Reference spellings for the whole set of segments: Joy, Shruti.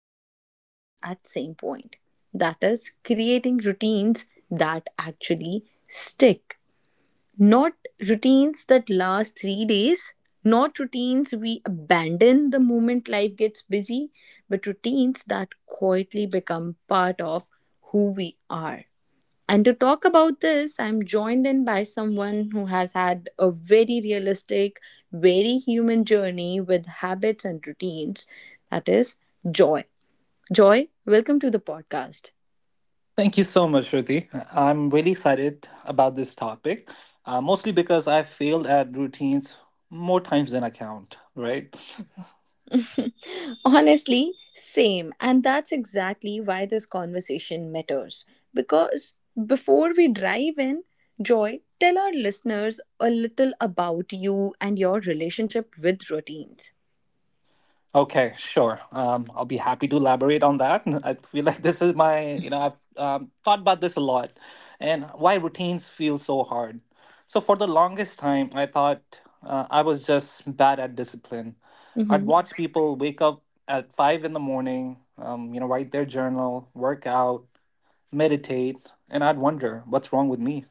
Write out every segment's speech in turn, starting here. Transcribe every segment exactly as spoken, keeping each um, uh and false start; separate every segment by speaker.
Speaker 1: all struggle with at same point. That is creating routines that actually stick. Not routines that last three days, not routines we abandon the moment life gets busy, but routines that quietly become part of who we are. And to talk about this, I'm joined in by someone who has had a very realistic, very human journey with habits and routines. That is Joy. Joy, welcome to the podcast.
Speaker 2: Thank you so much, Shruti. I'm really excited about this topic, uh, mostly because I failed at routines more times than I count, right?
Speaker 1: Honestly, same. And that's exactly why this conversation matters. Because before we dive in, Joy, tell our listeners a little about you and your relationship with routines.
Speaker 2: Okay, sure. Um, I'll be happy to elaborate on that. I feel like this is my, you know, I've um, thought about this a lot and why routines feel so hard. So, for the longest time, I thought uh, I was just bad at discipline. I'd
Speaker 1: Mm-hmm.
Speaker 2: watch people wake up at five in the morning, um, you know, write their journal, work out, meditate, and I'd wonder what's wrong with me.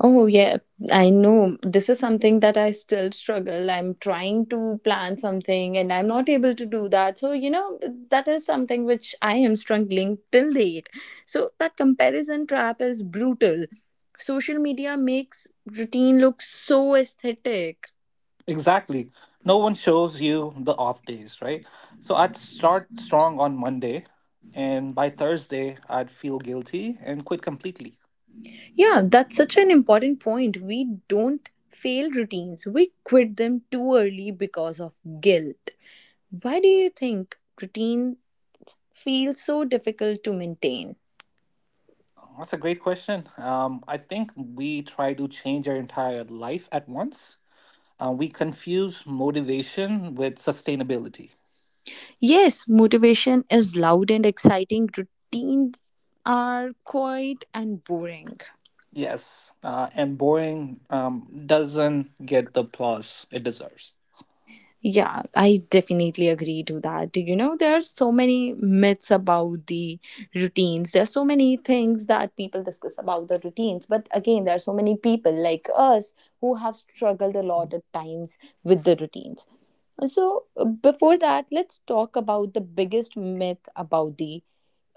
Speaker 1: Oh, yeah, I know. This is something that I still struggle. I'm trying to plan something and I'm not able to do that. So, you know, that is something which I am struggling till date. So, that comparison trap is brutal. Social media makes routine look so aesthetic.
Speaker 2: Exactly. No one shows you the off days, right? So I'd start strong on Monday, and by Thursday, I'd feel guilty and quit completely.
Speaker 1: Yeah, that's such an important point. We don't fail routines, we quit them too early because of guilt. Why do you think routine feels so difficult to maintain?
Speaker 2: That's a great question. Um, I think we try to change our entire life at once. Uh, we confuse motivation with sustainability.
Speaker 1: Yes, motivation is loud and exciting. Routines are quiet and boring.
Speaker 2: Yes, uh, and boring um, doesn't get the applause it deserves.
Speaker 1: Yeah, I definitely agree to that. You know, there are so many myths about the routines. There are so many things that people discuss about the routines. But again, there are so many people like us who have struggled a lot at times with the routines. So, uh, before that, let's talk about the biggest myth about the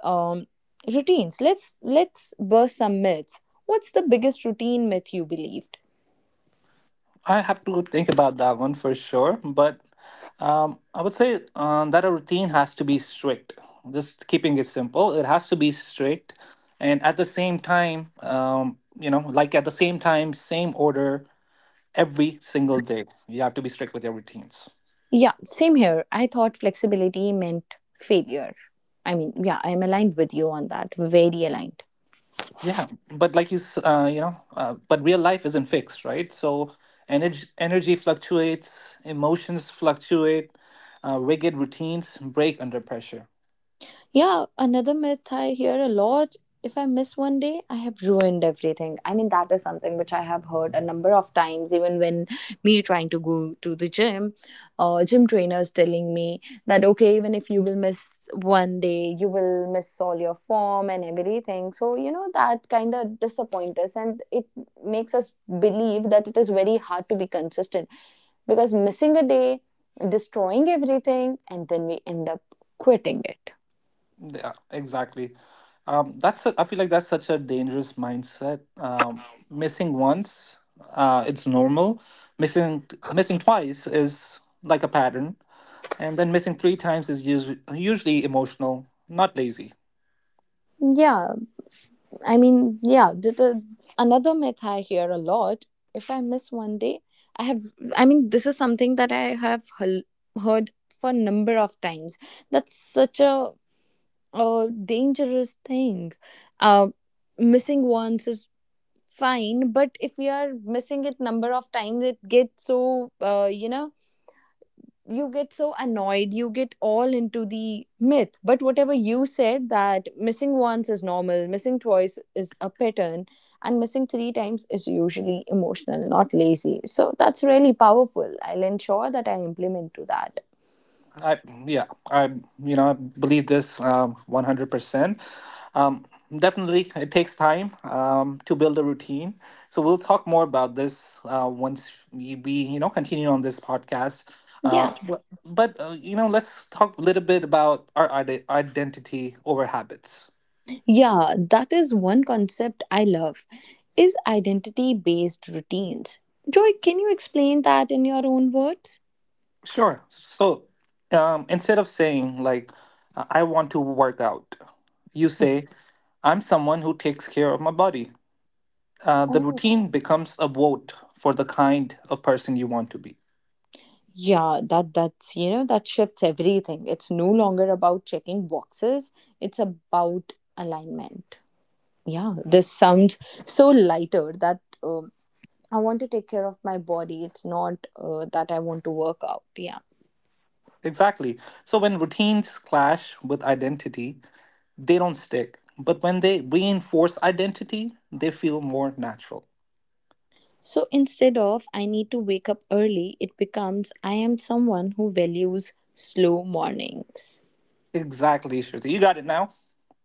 Speaker 1: um, routines. Let's let's burst some myths. What's the biggest routine myth you believed?
Speaker 2: I have to think about that one for sure, but um, I would say uh, that a routine has to be strict. Just keeping it simple, it has to be strict, and at the same time, um, you know, like at the same time, same order every single day. You have to be strict with your routines.
Speaker 1: Yeah, same here. I thought flexibility meant failure. I mean, yeah, I am aligned with you on that. Very aligned.
Speaker 2: Yeah, but like you, s- uh, you know, uh, but real life isn't fixed, right? So energy energy fluctuates, emotions fluctuate, uh, rigid routines break under pressure.
Speaker 1: Yeah, another myth I hear a lot if I miss one day, I have ruined everything. I mean, that is something which I have heard a number of times, even when me trying to go to the gym, uh, gym trainers telling me that, okay, even if you will miss one day, you will miss all your form and everything. So, you know, that kind of disappoints us and it makes us believe that it is very hard to be consistent because missing a day, destroying everything, and then we end up quitting it.
Speaker 2: Yeah, exactly. Um, that's a, I feel like that's such a dangerous mindset. Um, missing once, uh, it's normal. Missing missing twice is like a pattern, and then missing three times is usually usually emotional, not lazy.
Speaker 1: Yeah, I mean, yeah, the, the another myth I hear a lot. If I miss one day, I have. I mean, this is something that I have hel- heard for a number of times. That's such a, a dangerous thing. Uh, missing once is fine, but if we are missing it number of times, it gets so uh, you know, you get so annoyed, you get all into the myth, but whatever you said that missing once is normal, missing twice is a pattern, and missing three times is usually emotional, not lazy. So that's really powerful. I'll ensure that I implement to that.
Speaker 2: I yeah, I you know I believe this um, one hundred percent. Um, Definitely, it takes time um, to build a routine. So we'll talk more about this uh, once we, we you know continue on this podcast. Uh,
Speaker 1: Yeah,
Speaker 2: but but, uh, you know, let's talk a little bit about our ide- identity over habits.
Speaker 1: yeah, that is one concept I love, is identity based routines. Joy, can you explain that in your own words?
Speaker 2: Sure. So um, instead of saying like uh, I want to work out, you say I'm someone who takes care of my body. Uh, the
Speaker 1: Hmm.
Speaker 2: routine becomes a vote for the kind of person you want to be.
Speaker 1: Yeah, that that's, you know, that shifts everything. It's no longer about checking boxes. It's about alignment. Yeah, this sounds so lighter that um, I want to take care of my body. It's not uh, that I want to work out. Yeah.
Speaker 2: Exactly. So when routines clash with identity, they don't stick. But when they reinforce identity, they feel more natural.
Speaker 1: So instead of I need to wake up early, it becomes I am someone who values slow mornings.
Speaker 2: Exactly, Shruti. You got it now.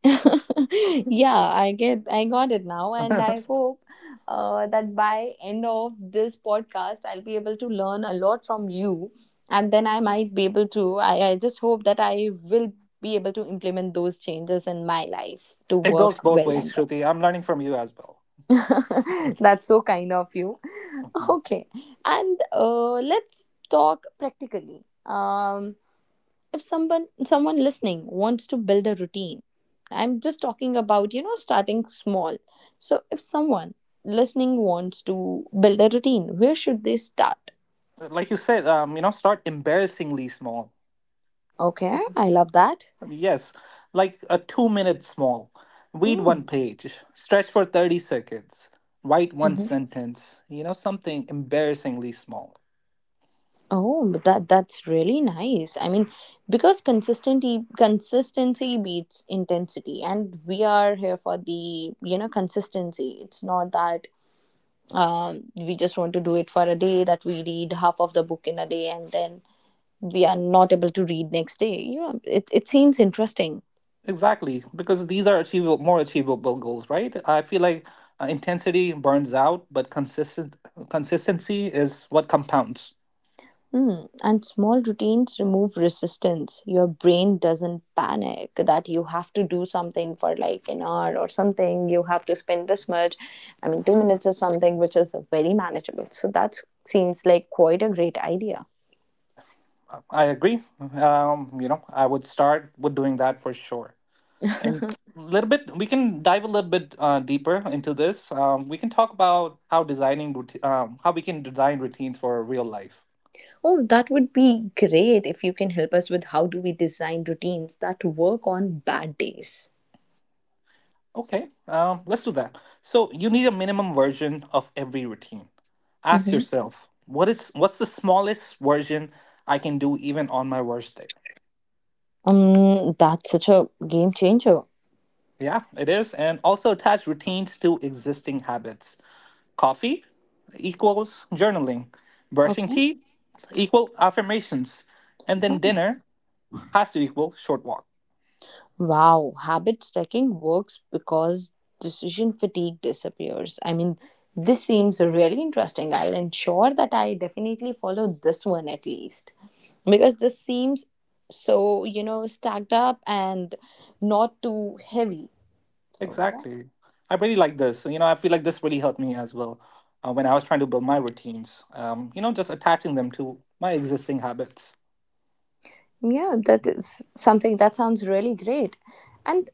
Speaker 1: Yeah, I get, I got it now, and I hope uh, that by end of this podcast I'll be able to learn a lot from you, and then I might be able to i, I just hope that I will be able to implement those changes in my life to
Speaker 2: It
Speaker 1: work
Speaker 2: goes both
Speaker 1: well
Speaker 2: ways,
Speaker 1: and
Speaker 2: Shruti. I'm learning from you as well.
Speaker 1: well. That's so kind of you. Okay, and uh, let's talk practically. um if someone someone listening wants to build a routine, I'm just talking about, you know, starting small. So if someone listening wants to build a routine, where should they start?
Speaker 2: Like you said, um, you know, start embarrassingly small.
Speaker 1: Okay, I love that.
Speaker 2: Yes, like a two minute small.
Speaker 1: Mm.
Speaker 2: Read one
Speaker 1: hmm
Speaker 2: page, stretch for thirty seconds, write one
Speaker 1: mm-hmm.
Speaker 2: sentence, you know, something embarrassingly small.
Speaker 1: Oh, but that that's really nice. I mean, because consistency consistency beats intensity, and we are here for the, you know, consistency. It's not that um, we just want to do it for a day, that we read half of the book in a day and then we are not able to read next day. Yeah, it, it seems interesting.
Speaker 2: Exactly, because these are achievable, more achievable goals, right? I feel like uh, intensity burns out, but consistent consistency is what compounds.
Speaker 1: Hmm. And small routines remove resistance. Your brain doesn't panic that you have to do something for like an hour or something. You have to spend this much. I mean, two minutes is something which is very manageable. So that seems like quite a great idea.
Speaker 2: Uh, I agree. Um, you know, I would start with doing that for sure. And a little bit, we can dive a little bit uh, deeper into this. Um, we can talk about how designing, routi- um, how we can design routines for real life.
Speaker 1: Oh, that would be great if you can help us with how do we design routines that work on bad days.
Speaker 2: Okay, um, let's do that. So you need a minimum version of every routine. Ask
Speaker 1: Mm-hmm.
Speaker 2: yourself, what is what's the smallest version I can do even on my worst day?
Speaker 1: Um, that's such a game changer.
Speaker 2: Yeah, it is. And also attach routines to existing habits. Coffee equals journaling. Brushing
Speaker 1: Okay.
Speaker 2: teeth equal affirmations. And then dinner has to equal short walk.
Speaker 1: Wow, habit stacking works because decision fatigue disappears. I mean, this seems really interesting. I'll ensure that I definitely follow this one at least, because this seems so, you know, stacked up and not too heavy. So, yeah.
Speaker 2: Exactly. I really like this. You know, I feel like this really helped me as well uh, when I was trying to build my routines. Um, you know, just attaching them to my existing habits.
Speaker 1: Yeah, that is something that sounds really great. And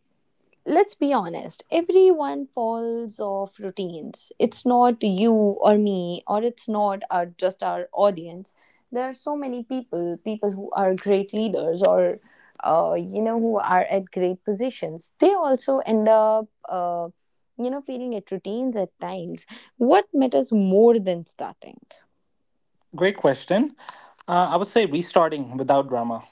Speaker 1: let's be honest, everyone falls off routines. It's not you or me, or it's not our, just our audience. There are so many people people who are great leaders, or uh, you know, who are at great positions, they also end up uh, you know, feeling at routines at times. What matters more than starting?
Speaker 2: Great question. Uh, I would say restarting without drama.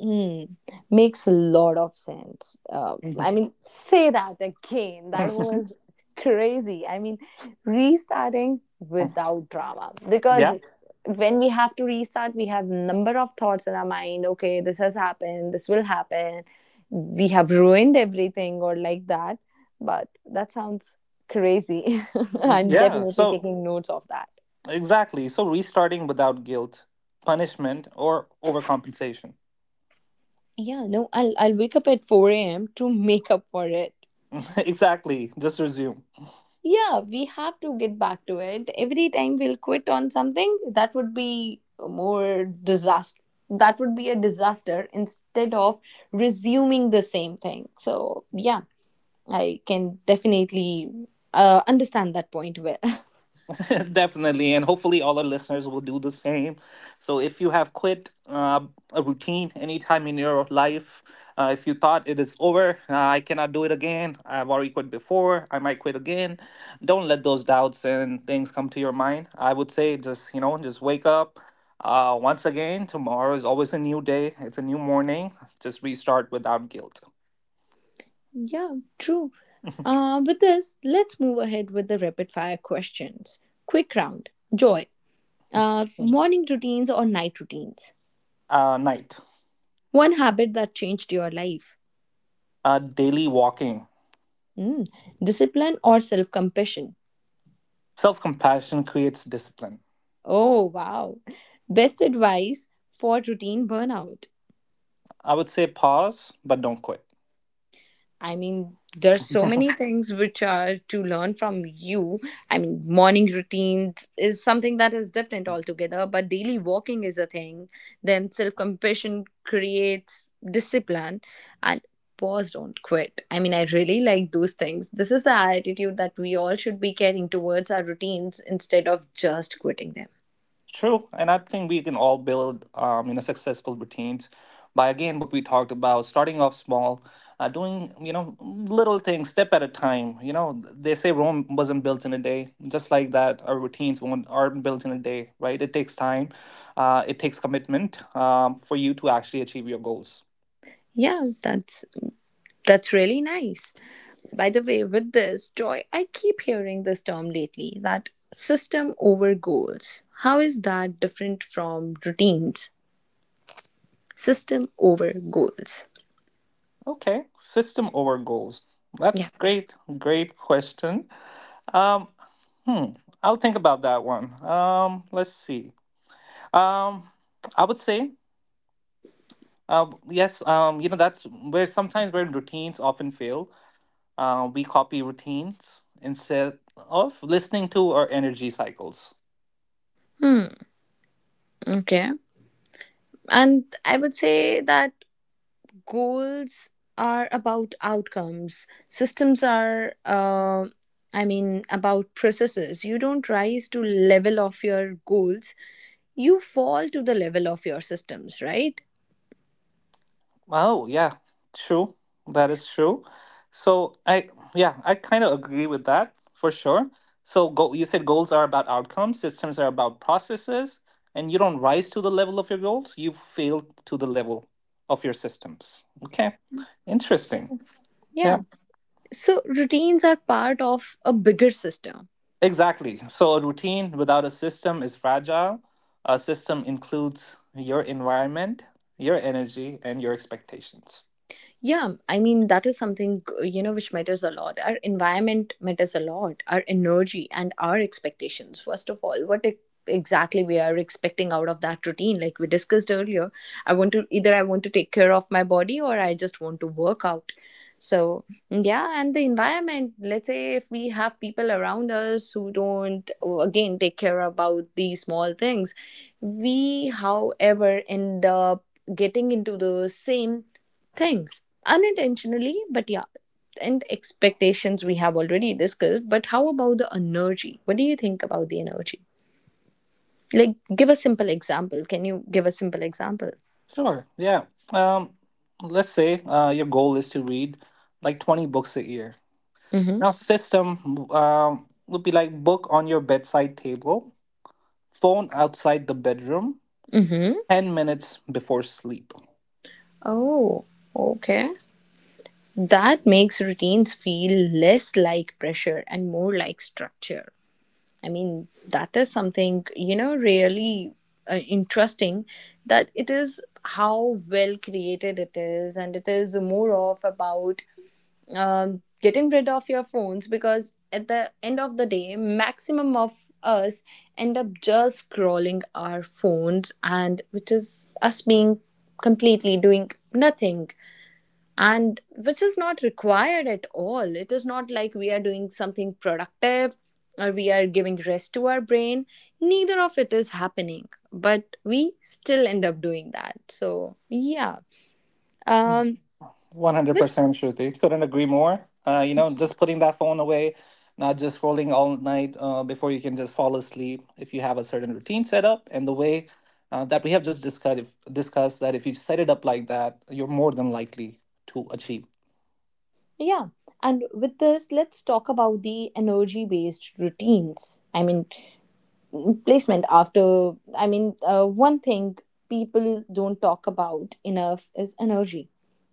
Speaker 1: Hmm, makes a lot of sense. Uh, I
Speaker 2: Mhm.
Speaker 1: mean, say that again. That was crazy. I mean, restarting without drama, because
Speaker 2: Yeah.
Speaker 1: when we have to restart, we have number of thoughts in our mind. Okay, this has happened. This will happen. We have ruined everything or like that. But that sounds crazy. I'm
Speaker 2: Yeah.
Speaker 1: definitely
Speaker 2: So,
Speaker 1: taking notes of that.
Speaker 2: exactly. So, restarting without guilt, punishment, or overcompensation.
Speaker 1: Yeah, no, I'll I'll wake up at four a m to make up for it.
Speaker 2: Exactly. Just resume.
Speaker 1: Yeah, we have to get back to it. Every time we'll quit on something, that would be more disaster. That would be a disaster instead of resuming the same thing. So, yeah, I can definitely uh, understand that point well.
Speaker 2: Definitely, and hopefully all our listeners will do the same. So, if you have quit uh, a routine anytime in your life, uh, if you thought it is over, uh, I cannot do it again, I've already quit before, I might quit again, don't let those doubts and things come to your mind. I would say just, you know, just wake up. Uh, once again, tomorrow is always a new day, it's a new morning. Just restart without guilt.
Speaker 1: Yeah, true. Uh, with this, let's move ahead with the rapid fire questions. Quick round. Joy, uh, morning routines or night routines?
Speaker 2: Uh, night,
Speaker 1: One habit that changed your life?
Speaker 2: uh, daily walking.
Speaker 1: Mm, discipline or self compassion?
Speaker 2: Self compassion creates discipline.
Speaker 1: Oh, wow. Best advice for routine burnout.
Speaker 2: I would say pause, but don't quit.
Speaker 1: I mean, there's so many things which are to learn from you. I mean, morning routine is something that is different altogether, but daily walking is a thing. Then self compassion creates discipline, and pause, don't quit. I mean, I really like those things. This is the attitude that we all should be carrying towards our routines instead of just quitting them.
Speaker 2: True, and I think we can all build, um, you know, successful routines by again what we talked about, starting off small, uh, doing you know little things, step at a time. You know, they say Rome wasn't built in a day. Just like that, our routines won't aren't built in a day, right? It takes time, uh, it takes commitment um, for you to actually achieve your goals.
Speaker 1: Yeah, that's that's really nice. By the way, with this, Joy, I keep hearing this term lately, that system over goals. How is that different from routines? System over goals.
Speaker 2: Okay, system over goals. That's
Speaker 1: Yeah.
Speaker 2: great, great question. Um, Hmm. I'll think about that one. Um, let's see. Um, I would say, uh, yes. Um, you know, that's where sometimes where routines often fail. Uh, we copy routines instead of listening to our energy cycles.
Speaker 1: Hmm. Okay. And I would say that goals are about outcomes. Systems are, uh, I mean, about processes. You don't rise to level of your goals. You fall to the level of your systems, right?
Speaker 2: Oh, yeah, true. That is true. So I, yeah, I kind of agree with that for sure. So go, you said goals are about outcomes, systems are about processes, and you don't rise to the level of your goals, you fail to the level of your systems. Okay. Interesting.
Speaker 1: Yeah.
Speaker 2: Yeah,
Speaker 1: So routines are part of a bigger system.
Speaker 2: exactly. So a routine without a system is fragile. A system includes your environment, your energy, and your expectations.
Speaker 1: Yeah, I mean, that is something, uh, you know, which matters a lot. Our environment matters a lot, our energy and our expectations. First of all, what e- exactly we are expecting out of that routine, like we discussed earlier, I want to either I want to take care of my body or I just want to work out. So, yeah. And the environment, let's say if we have people around us who don't, oh, again take care about these small things, we however end up getting into the same things unintentionally, but yeah. And expectations we have already discussed, but how about the energy, what do you think about the energy? Like, give a simple example, can you give a simple example?
Speaker 2: Sure. Yeah. Um, let's say uh, your goal is to read like twenty books a year.
Speaker 1: Mm-hmm.
Speaker 2: Now, system um, would be like book on your bedside table, phone outside the bedroom,
Speaker 1: Mm-hmm.
Speaker 2: ten minutes before sleep.
Speaker 1: Oh, okay. That makes routines feel less like pressure and more like structure. I mean, that is something, you know, really uh, interesting, that it is how well created it is, and it is more of about um, getting rid of your phones, because at the end of the day, maximum of us end up just scrolling our phones, and which is us being completely doing nothing, and which is not required at all. It is not like we are doing something productive, or we are giving rest to our brain. Neither of it is happening, but we still end up doing that. So, yeah. Um.
Speaker 2: one hundred percent Shruti. Couldn't agree more. Uh, you know, just putting that phone away, not just scrolling all night uh, before you can just fall asleep if you have a certain routine set up. And the way uh, that we have just discussed, discussed that if you set it up like that, you're more than likely to achieve.
Speaker 1: Yeah. And with this, let's talk about the energy based routines. I mean, placement after, I mean, uh, one thing people don't talk about enough is energy.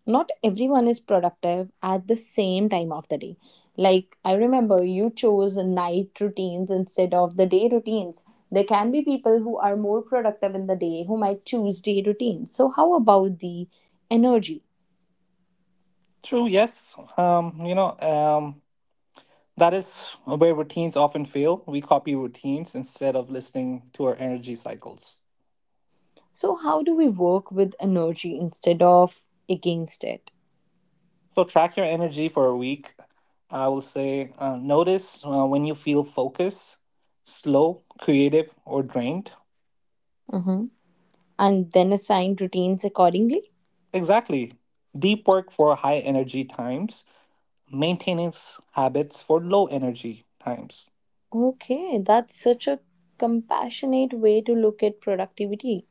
Speaker 1: Not everyone is productive at the same time of the day. Like, I remember you chose night routines instead of the day routines. There can be people who are more productive in the day who might choose day routines. So, how about the energy?
Speaker 2: True, yes. Um, you know, um, that is where routines often fail. We copy routines instead of listening to our energy cycles.
Speaker 1: So, how do we work with energy instead of against it?
Speaker 2: So, track your energy for a week. I will say, uh, notice uh, when you feel focused, slow, creative, or drained.
Speaker 1: Hmm. And then assign routines accordingly?
Speaker 2: Exactly. Deep work for high energy times, maintenance habits for low energy times.
Speaker 1: Okay, that's such a compassionate way to look at productivity.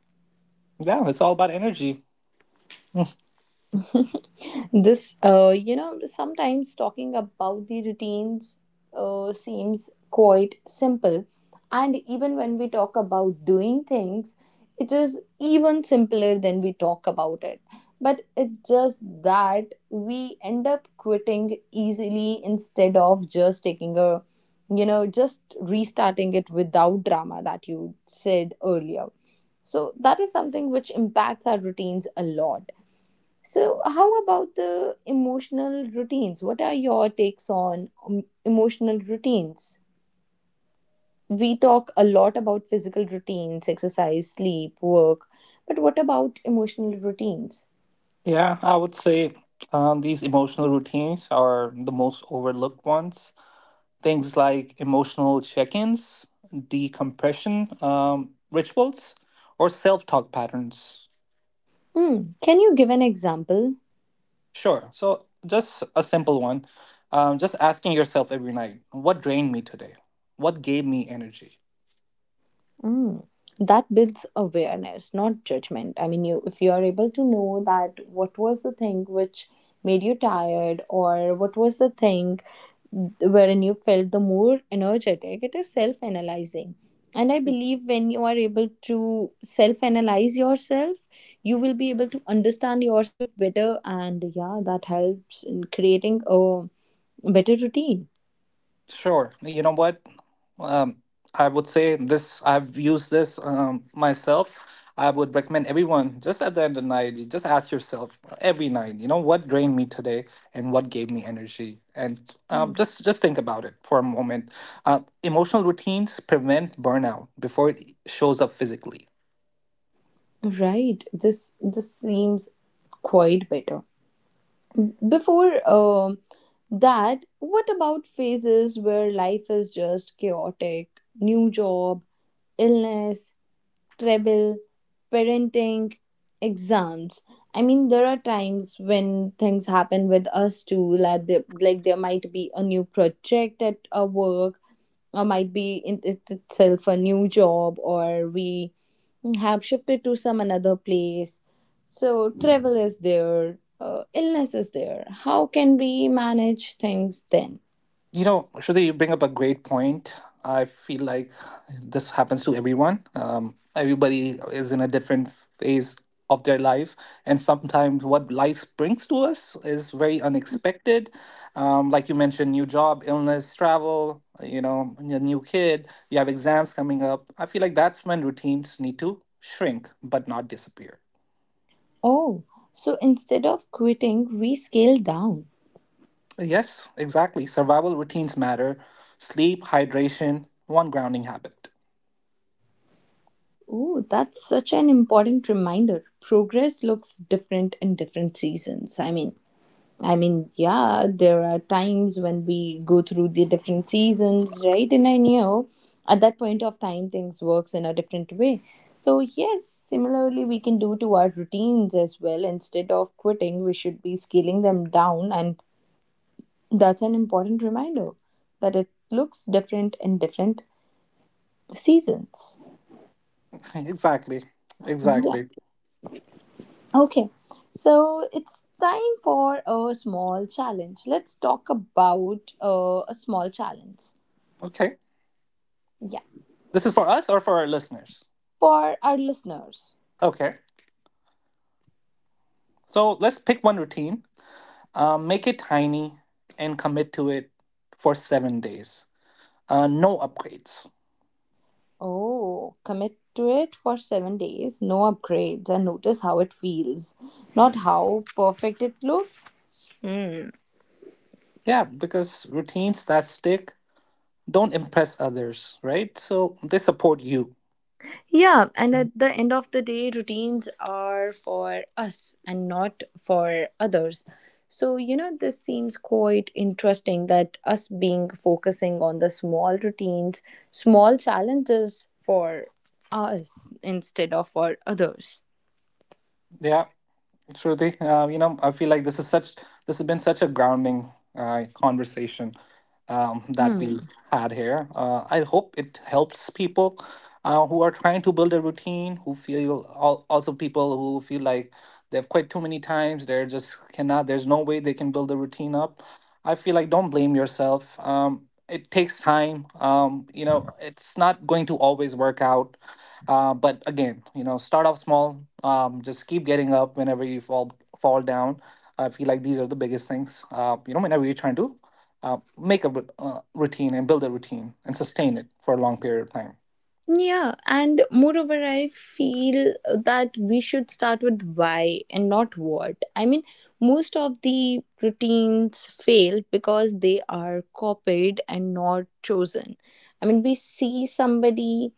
Speaker 2: Yeah, it's all about energy.
Speaker 1: this uh, you know sometimes talking about the routines uh, seems quite simple, and even when we talk about doing things, it is even simpler than we talk about it. But it's just that we end up quitting easily instead of just taking a, you know just restarting it without drama that you said earlier. So that is something which impacts our routines a lot. So, how about the emotional routines? What are your takes on um, emotional routines? We talk a lot about physical routines, exercise, sleep, work, but what about emotional routines?
Speaker 2: Yeah, I would say um, these emotional routines are the most overlooked ones. Things like emotional check ins, decompression um, rituals, or self talk patterns.
Speaker 1: Hmm. Can you give an example?
Speaker 2: Sure. So, just a simple one. Um, just asking yourself every night, what drained me today? What gave me energy?
Speaker 1: Mm. That builds awareness, not judgment. I mean, you if you are able to know that what was the thing which made you tired, or what was the thing wherein you felt the more energetic, it is self analyzing. And I believe when you are able to self analyze yourself, you will be able to understand yourself better, and yeah, that helps in creating a better routine.
Speaker 2: Sure. You know what? Um, I would say this, I've used this um, myself. I would recommend everyone just at the end of the night, you just ask yourself every night, you know, what drained me today and what gave me energy? And um,
Speaker 1: Mm.
Speaker 2: just just think about it for a moment. Uh, emotional routines prevent burnout before it shows up physically.
Speaker 1: Right. This this seems quite better. Before um that, what about phases where life is just chaotic? New job, illness, travel, parenting, exams. I mean, there are times when things happen with us too, like, the, like there might be a new project at our work, or might be in it itself a new job, or we mm, have shifted to some another place. So travel is there, uh, illness is there. How can we manage things then?
Speaker 2: You know, Shruti, you bring up a great point. I feel like this happens to everyone. Um, everybody is in a different phase of their life, and sometimes what life brings to us is very unexpected. Um, like you mentioned, new job, illness, travel, you know, a new kid, you have exams coming up. I feel like that's when routines need to shrink but not disappear.
Speaker 1: Oh, so instead of quitting we scale down.
Speaker 2: Yes, exactly. Survival routines matter. Sleep, hydration, one grounding habit.
Speaker 1: Oh, that's such an important reminder, progress looks different in different seasons. I mean I mean, yeah, there are times when we go through the different seasons, right? And I knew at that point of time things works in a different way. So yes, similarly we can do to our routines as well. Instead of quitting, we should be scaling them down, and that's an important reminder that it looks different in different seasons.
Speaker 2: Exactly.
Speaker 1: Yeah.
Speaker 2: Exactly.
Speaker 1: Okay. So it's time for a small challenge. Let's talk about uh, a small challenge.
Speaker 2: Okay. This is for us or for our listeners?
Speaker 1: For our listeners.
Speaker 2: Okay. So let's pick one routine, um, make it tiny, and commit to it for seven days. Uh, no upgrades.
Speaker 1: Oh, commit to it for seven days, no upgrades, and notice how it feels, not how perfect it looks. Hmm.
Speaker 2: Yeah, because routines that stick don't impress others, right? So they support you.
Speaker 1: Yeah, and at the end of the day, routines are for us and not for others. So, you know, this seems quite interesting that us being focusing on the small routines, small challenges for us instead of for others.
Speaker 2: Yeah, Shruti. Uh, you know, I feel like this is such this has been such a grounding uh, conversation. um, that we
Speaker 1: Hmm.
Speaker 2: had here. Uh, I hope it helps people uh, who are trying to build a routine, who feel al- also people who feel like they've quit too many times. They're just cannot. There's no way they can build a routine up. I feel like don't blame yourself. Um, it takes time. Um, you know, it's not going to always work out. Uh, but again, you know, start off small. Um, just keep getting up whenever you fall fall down. I feel like these are the biggest things. Uh, you know, whenever you're trying to uh, make a rut- uh, routine and build a routine and sustain it for a long period of time.
Speaker 1: Yeah, and moreover, I feel that we should start with why and not what. I mean, most of the routines fail because they are copied and not chosen. I mean, we see somebody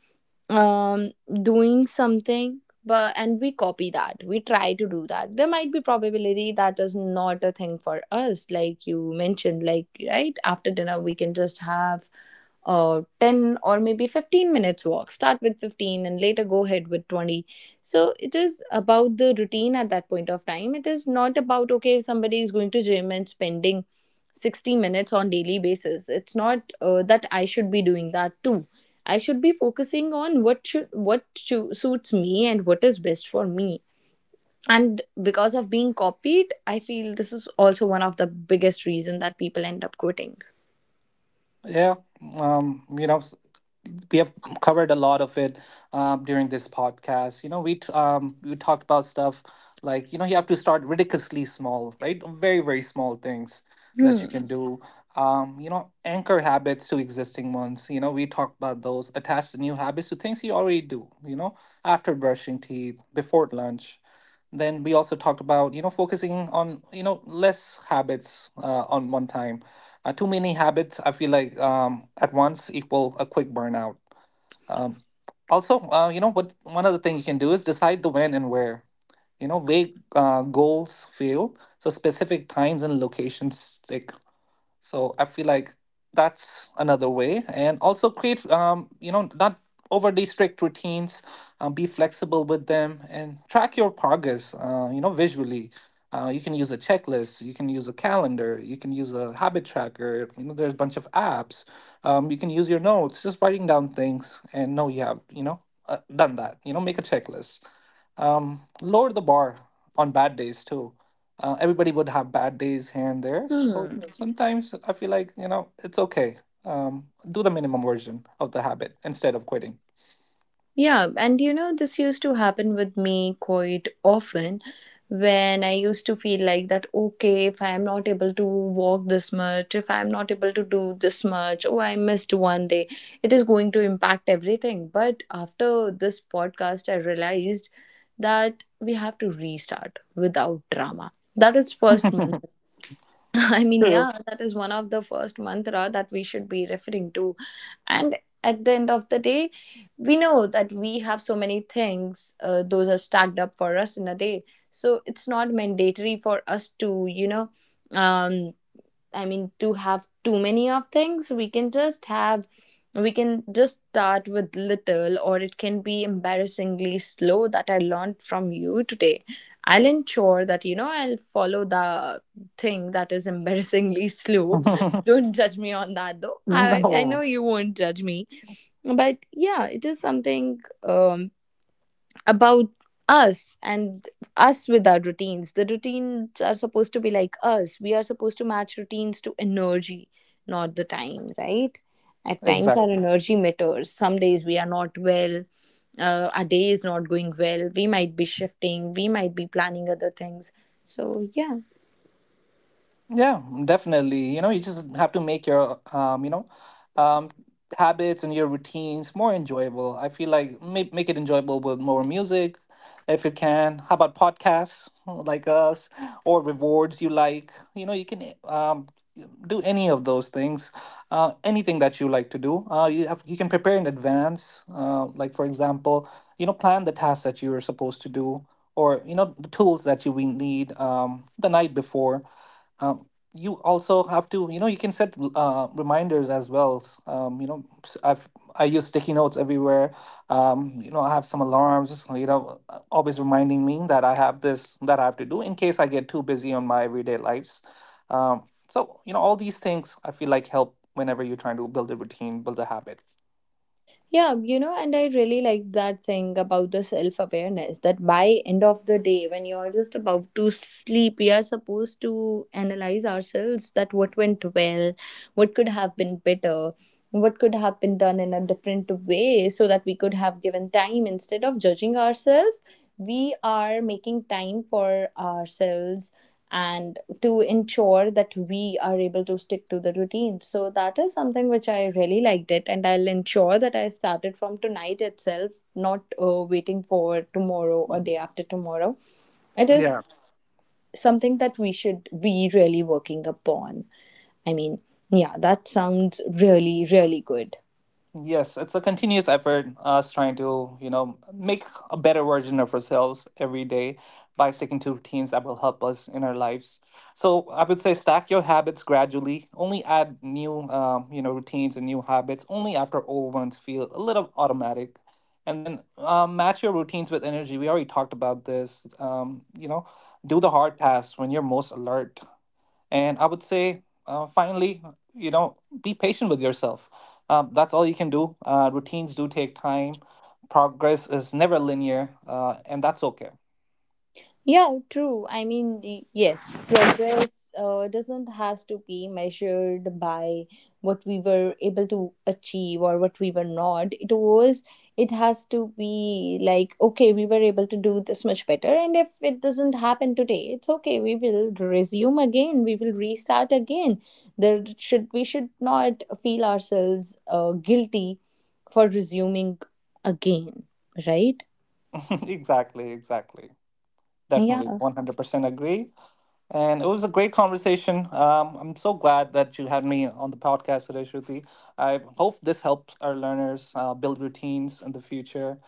Speaker 1: um doing something, but and we copy that, we try to do that. There might be probability that is not a thing for us, like you mentioned, like right after dinner we can just have uh ten or maybe fifteen minutes walk. Start with fifteen and later go ahead with twenty. So it is about the routine at that point of time. It is not about, okay, if somebody is going to gym and spending sixty minutes on daily basis, it's not uh, that I should be doing that too. I should be focusing on what should what chu- suits me and what is best for me. And because of being copied, I feel this is also one of the biggest reason that people end up quitting.
Speaker 2: Yeah, um, you know, s- we have covered a lot of it um, during this podcast. You know, we t- um, we talked about stuff like you know you have to start ridiculously small, right? Very very small things that you
Speaker 1: Hmm.
Speaker 2: can do. Um, you know, anchor habits to existing ones. You know, we talked about those. Attach the new habits to things you already do. You know, after brushing teeth, before lunch, then we also talked about you know focusing on you know less habits uh, on one time uh, too many habits I feel like um, at once equal a quick burnout. um, also uh, you know what, one other thing you can do is decide the when and where. You know vague uh, goals fail, so specific times and locations stick. So I feel like that's another way, and also create, um, you know, not overly strict routines. Um, be flexible with them and track your progress. Uh, you know, visually. Uh, you can use a checklist. You can use a calendar. You can use a habit tracker. You know, there's a bunch of apps. Um, you can use your notes. Just writing down things and know you have, you know, uh, done that. You know, make a checklist. Um, lower the bar on bad days too. Uh, everybody would have bad days here and there. So
Speaker 1: Hmm.
Speaker 2: Mhm. Sometimes I feel like, you know, it's okay. Um, do the minimum version of the habit instead of quitting.
Speaker 1: Yeah, and you know, this used to happen with me quite often when I used to feel like that, okay, if I am not able to walk this much, if I am not able to do this much, oh, I missed one day, it is going to impact everything. But after this podcast, I realized that we have to restart without drama. That is first month. I mean,
Speaker 2: True.
Speaker 1: yeah, that is one of the first mantra that we should be referring to. And at the end of the day, we know that we have so many things, uh, those are stacked up for us in a day. So it's not mandatory for us to, you know, um, I mean, to have too many of things. We can just have, we can just start with little, or it can be embarrassingly slow that I learned from you today. I'll ensure that, you know, I'll follow the thing that is embarrassingly slow. Don't judge me on that though. I, I
Speaker 2: No,
Speaker 1: know you won't judge me. But yeah, it is something um, about us and us with our routines. The routines are supposed to be like us. We are supposed to match routines to energy, not the time, right? At times, our
Speaker 2: exactly.
Speaker 1: energy matters. Some days we are not well, uh, our day is not going well. We might be shifting, we might be planning other things. So, yeah.
Speaker 2: Yeah, definitely. You know, you just have to make your, um, you know, um, habits and your routines more enjoyable. I feel like make make it enjoyable with more music, if you can. How about podcasts like us, or rewards you like? You know, you can um do any of those things, uh, anything that you like to do. Uh, you have you can prepare in advance. Uh, like for example, you know, plan the tasks that you are supposed to do, or you know, the tools that you will need, um the night before. um, you also have to, you know, you can set uh, reminders as well. um, you know s- I've i use sticky notes everywhere. Um, you know, I have some alarms, you know, uh, always reminding me that I have this, that I have to do, in case I get too busy on my everyday lives. Um, so you know, all these things I feel like help whenever you're trying to build a routine, build a habit.
Speaker 1: Yeah, you know, and I really like that thing about the self awareness that by end of the day, when you're just about to sleep, we are supposed to analyze ourselves that what went well, what could have been better, what could have been done in a different way so that we could have given time instead of judging ourselves. We are making time for ourselves and to ensure that we are able to stick to the routine. So that is something which I really liked it, and I'll ensure that I started from tonight itself, not uh, waiting for tomorrow or day after tomorrow. It is
Speaker 2: Yeah.
Speaker 1: something that we should be really working upon. I mean, yeah, that sounds really, really good.
Speaker 2: Yes, it's a continuous effort, us trying to, you know, make a better version of ourselves every day by sticking to routines that will help us in our lives. So I would say stack your habits gradually. Only add new, um, you know, routines and new habits only after old ones feel a little automatic. And then um, match your routines with energy. We already talked about this. Um, you know, do the hard tasks when you're most alert. And I would say, uh, finally, you know, be patient with yourself. Um, that's all you can do. Uh, routines do take time. Progress is never linear, uh, and that's okay.
Speaker 1: Yeah, true. I mean, the- yes, progress uh, doesn't has to be measured by what we were able to achieve or what we were not. It was it has to be like, okay, we were able to do this much better, and if it doesn't happen today, it's okay. We will resume again. We will restart again. There should We should not feel ourselves uh, guilty for resuming again, right?
Speaker 2: Exactly, exactly. Definitely,
Speaker 1: Yeah.
Speaker 2: one hundred percent agree. And it was a great conversation. Um, I'm so glad that you had me on the podcast today, Shruti. I hope this helps our learners uh, build routines in the future.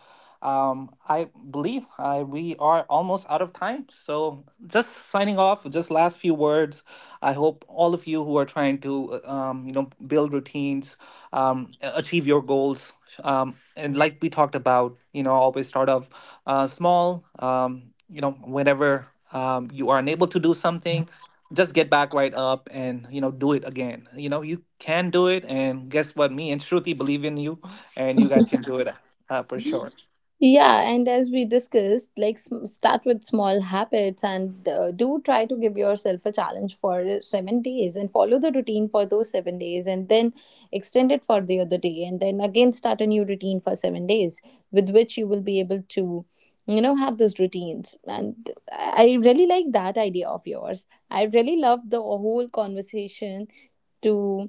Speaker 2: Um, I believe uh, we are almost out of time. So, just signing off, just last few words. I hope all of you who are trying to, uh, um, you know, build routines, um, a- achieve your goals. Um, and like we talked about, you know, always start off uh, small. Um, you know, whenever um, you are unable to do something, just get back right up, and you know, do it again. You know you can do it, and guess what, me and shruti believe in you, and you guys can do it, uh, for sure.
Speaker 1: Yeah, and as we discussed, like sm- start with small habits, and uh, do try to give yourself a challenge for uh, seven days and follow the routine for those seven days, and then extend it for the other day, and then again start a new routine for seven days with which you will be able to, you know, have those routines. And I really like that idea of yours. I really love the whole conversation. to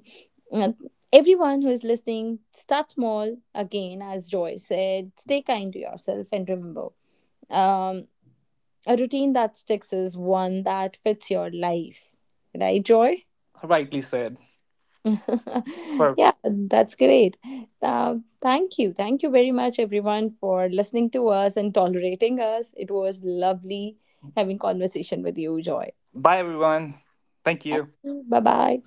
Speaker 1: uh, everyone who is listening, start small again, as Joy said, stay kind to yourself, and remember, um, a routine that sticks is one that fits your life. Right, Joy?
Speaker 2: Rightly said. So
Speaker 1: Yeah, that's great. Uh, thank you. Thank you very much, everyone, for listening to us and tolerating us. It was lovely having conversation with you, Joy.
Speaker 2: bye everyone, thank
Speaker 1: Thank
Speaker 2: you.
Speaker 1: you. Bye bye.